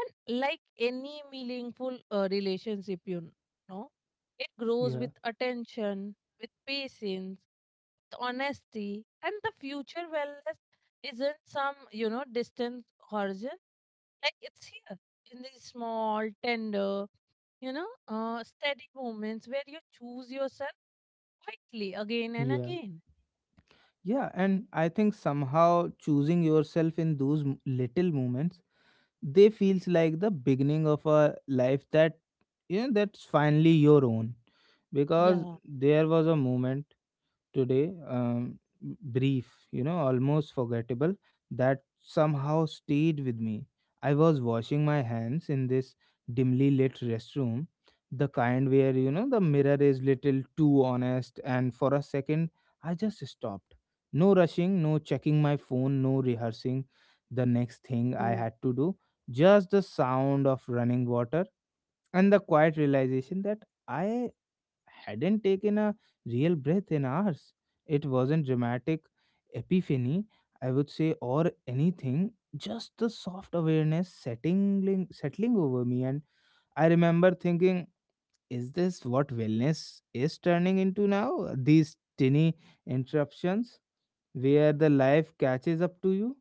And like any meaningful relationship, you know, it grows Yeah. with attention, with patience, with honesty, and the future wellness isn't some, you know, distant horizon. Like it's here in these small, tender, you know, steady moments where you choose yourself quietly again and Yeah. again. Yeah, and I think somehow choosing yourself in those little moments, they feels like the beginning of a life that, you know, that's finally your own. Because Yeah. there was a moment today, brief, you know, almost forgettable, that somehow stayed with me. I was washing my hands in this dimly lit restroom, the kind where, you know, the mirror is little too honest, and for a second I just stopped. No rushing, no checking my phone, no rehearsing the next thing I Oh, had to do, just the sound of running water and the quiet realization that I hadn't taken a real breath in hours. It wasn't dramatic epiphany, I would say, or anything, just the soft awareness settling over me. And I remember thinking, is this what wellness is turning into now? These tiny interruptions where the life catches up to you?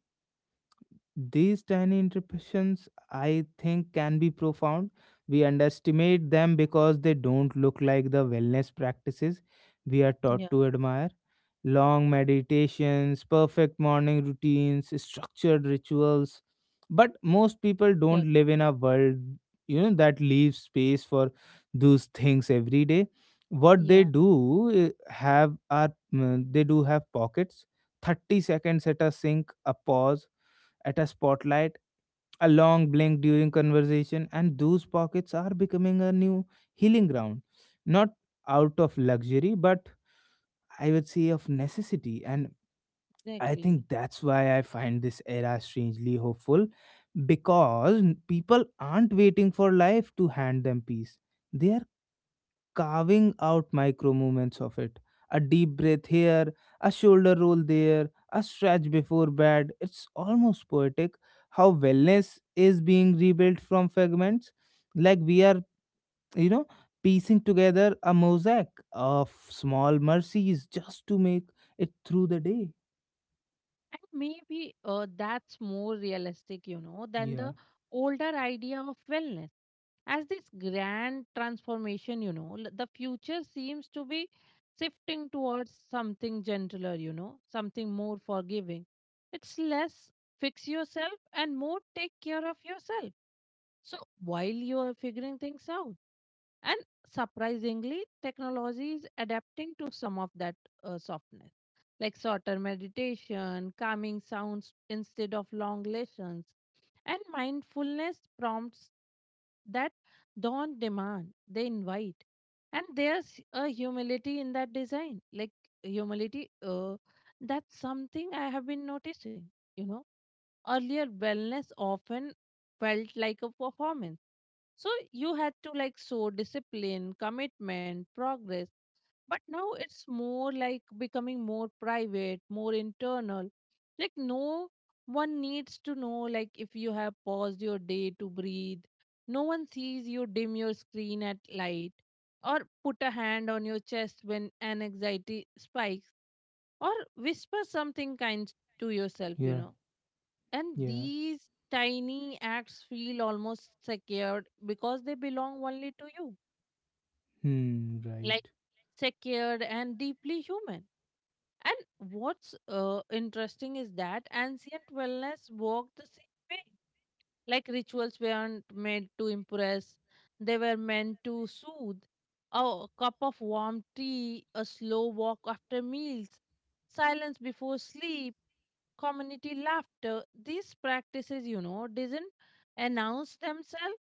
These tiny interruptions, I think, can be profound. We underestimate them because they don't look like the wellness practices we are taught yeah. to admire. Long meditations, perfect morning routines, structured rituals. But most people don't Exact- live in a world, you know, that leaves space for those things every day. What they Yeah. do have are they do have pockets, 30 seconds at a sink, a pause at a spotlight, a long blink during conversation, and those pockets are becoming a new healing ground. Not out of luxury, but I would say of necessity. And I Exactly. think that's why I find this era strangely hopeful because people aren't waiting for life to hand them peace. They are carving out micro movements of it. A deep breath here, a shoulder roll there, a stretch before bed. It's almost poetic how wellness is being rebuilt from fragments. Like we are, you know, piecing together a mosaic of small mercies just to make it through the day. And maybe that's more realistic, you know, than Yeah, the older idea of wellness. As this grand transformation, you know, the future seems to be shifting towards something gentler, you know, something more forgiving. It's less fix yourself and more take care of yourself. So while you are figuring things out, and surprisingly, technology is adapting to some of that softness, like shorter meditation, calming sounds instead of long lessons, and mindfulness prompts that don't demand, they invite. And there's a humility in that design, like humility. That's something I have been noticing. You know, earlier wellness often felt like a performance, so you had to like show discipline, commitment, progress. But now it's more like becoming more private, more internal. Like no one needs to know like if you have paused your day to breathe. No one sees you dim your screen at light or put a hand on your chest when an anxiety spikes or whisper something kind to yourself, you yeah, know, and yeah. these tiny acts feel almost secured because they belong only to you, Hmm, like right. secured and deeply human. And what's interesting is that ancient wellness worked the same way. Like rituals weren't made to impress, they were meant to soothe. A cup of warm tea, a slow walk after meals, silence before sleep, community laughter. These practices, you know, doesn't announce themselves.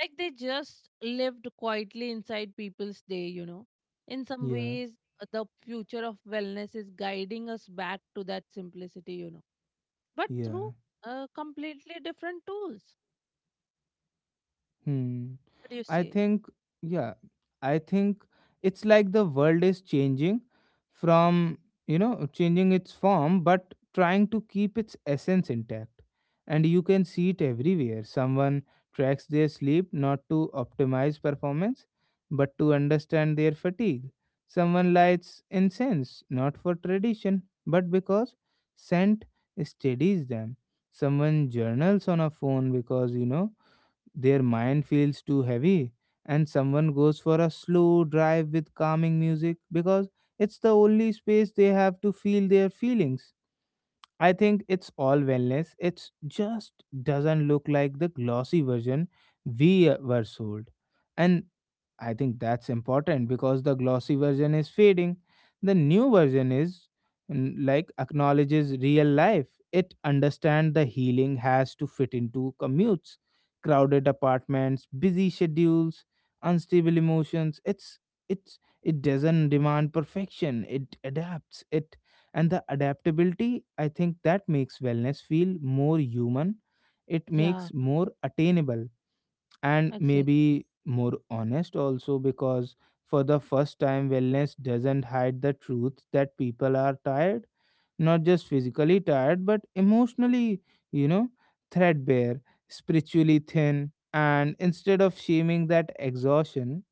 Like they just lived quietly inside people's day, you know. In some Yeah, ways, the future of wellness is guiding us back to that simplicity, you know, but through yeah. Completely different tools. Hmm. What do you I say? think, yeah, I think it's like the world is changing from, you know, changing its form, but trying to keep its essence intact. And you can see it everywhere. Someone tracks their sleep not to optimize performance, but to understand their fatigue. Someone lights incense not for tradition, but because scent steadies them. Someone journals on a phone because, you know, their mind feels too heavy, and someone goes for a slow drive with calming music because it's the only space they have to feel their feelings. I think it's all wellness. It's just doesn't look like the glossy version we were sold. And I think that's important because the glossy version is fading. The new version is mm, like acknowledges real life. It understands the healing has to fit into commutes, crowded apartments, busy schedules, unstable emotions. It doesn't demand perfection. It adapts. It and the adaptability, I think, that makes wellness feel more human. It Yeah, makes more attainable, and exactly. maybe more honest also, because for the first time wellness doesn't hide the truth that people are tired, not just physically tired but emotionally, you know, threadbare, spiritually thin. And instead of shaming that exhaustion,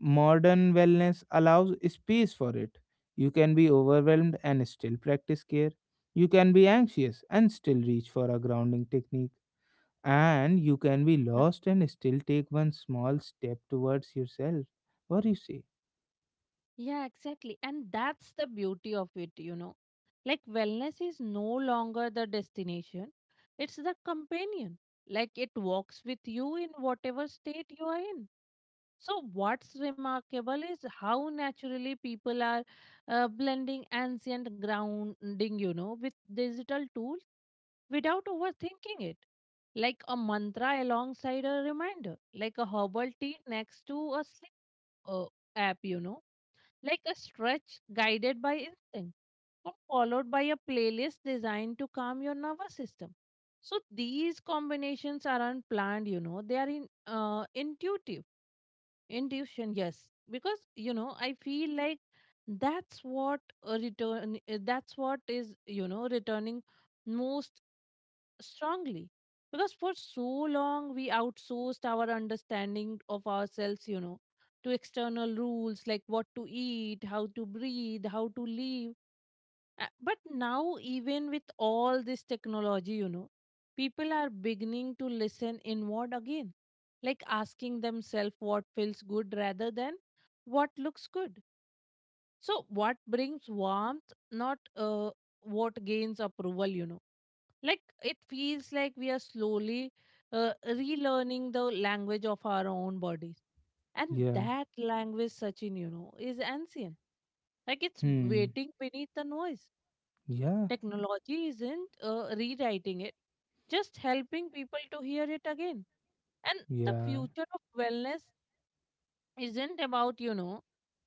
modern wellness allows space for it. You can be overwhelmed and still practice care. You can be anxious and still reach for a grounding technique. And you can be lost and still take one small step towards yourself. What do you say? Yeah, exactly. And that's the beauty of it, you know. Like wellness is no longer the destination, it's the companion. Like it walks with you in whatever state you are in. So, what's remarkable is how naturally people are blending ancient grounding, you know, with digital tools without overthinking it. Like a mantra alongside a reminder, like a herbal tea next to a sleep uh, app, you know, like a stretch guided by instinct or followed by a playlist designed to calm your nervous system. So these combinations are unplanned, you know, they are in intuitive. Intuition, yes, because, you know, I feel like that's what a return that's what is, you know, returning most strongly. Because for so long we outsourced our understanding of ourselves, you know, to external rules, like what to eat, how to breathe, how to live. But now, even with all this technology, you know, people are beginning to listen inward again, like asking themselves what feels good rather than what looks good. So what brings warmth, not what gains approval, you know. Like it feels like we are slowly relearning the language of our own bodies, and Yeah. that language, sachin, you know, is ancient. Like it's Hmm. waiting beneath the noise. Yeah. Technology isn't rewriting it, just helping people to hear it again. And the Yeah. future of wellness isn't about, you know,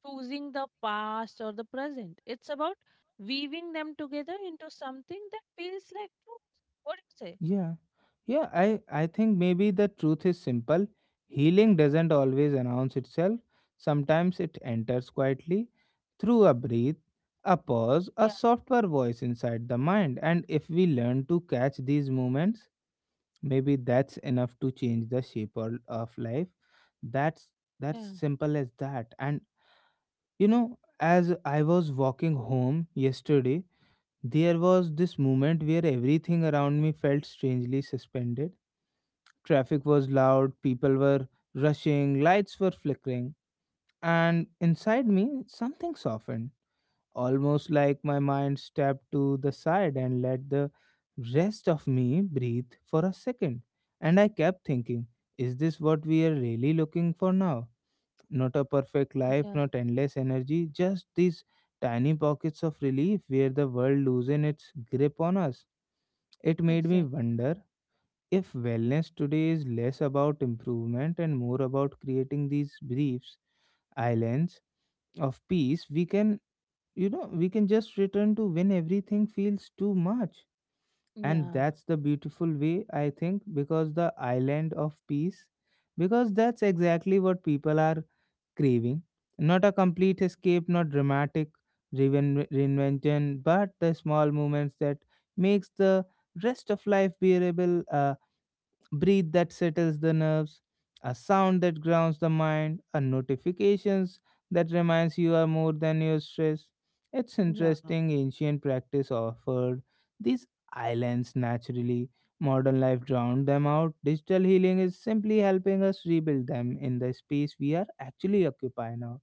choosing the past or the present. It's about weaving them together into something that feels like truth. What do you say? Yeah. Yeah, I think maybe the truth is simple. Healing doesn't always announce itself. Sometimes it enters quietly through a breath, a pause, a softer voice inside the mind. And if we learn to catch these moments, maybe that's enough to change the shape of life. That's Yeah, simple as that. And you know, as I was walking home yesterday, there was this moment where everything around me felt strangely suspended. Traffic was loud, people were rushing, lights were flickering, and inside me, something softened, almost like my mind stepped to the side and let the rest of me breathe for a second. And I kept thinking, is this what we are really looking for now? Not a perfect life, yeah, not endless energy, just these tiny pockets of relief where the world loses its grip on us. It made me exactly. wonder if wellness today is less about improvement and more about creating these briefs islands of peace, we can, you know, we can just return to when everything feels too much. And Yeah, that's the beautiful way, I think, because the island of peace, because that's exactly what people are craving. Not a complete escape, not dramatic reinvention, but the small moments that makes the rest of life bearable, breathe that settles the nerves, a sound that grounds the mind, a notifications that reminds you are more than your stress. It's yeah, interesting ancient practice offered these islands naturally. Modern life drowned them out. Digital healing is simply helping us rebuild them in the space we are actually occupying now.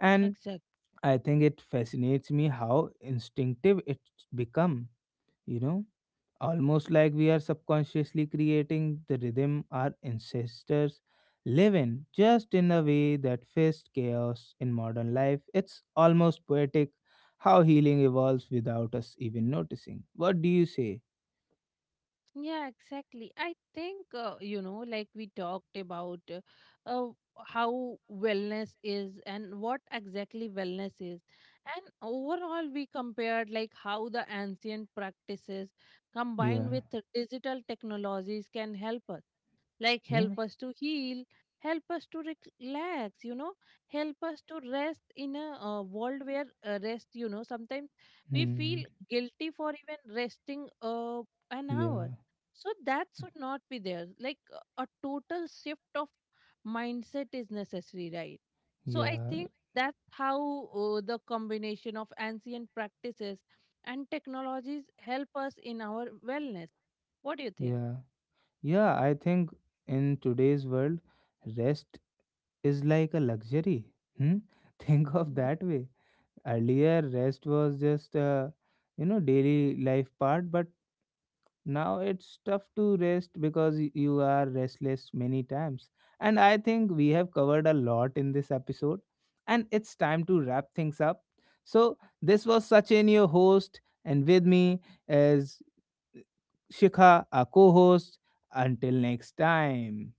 And exact. I think it fascinates me how instinctive it's become, you know, almost like we are subconsciously creating the rhythm our ancestors live in, just in a way that fits chaos in modern life. It's almost poetic how healing evolves without us even noticing. What do you say? Yeah, exactly. I think, you know, like we talked about uh, how wellness is and what exactly wellness is. And overall, we compared like how the ancient practices combined Yeah, with the digital technologies can help us. Like yeah, help us to heal, help us to relax, you know, help us to rest in a world where rest, you know, sometimes we feel hmm. guilty for even resting an hour. Yeah, So that should not be there. Like, a total shift of mindset is necessary, right? So I yeah, think that's how the combination of ancient practices and technologies help us in our wellness. What do you think? yeah, yeah. I think in today's world, rest is like a luxury. Hmm? Think of that way. Earlier, rest was just a, you know, daily life part, but now it's tough to rest because you are restless many times. And I think we have covered a lot in this episode, and it's time to wrap things up. So this was Sachin, your host, and with me is Shikha, our co-host. Until next time.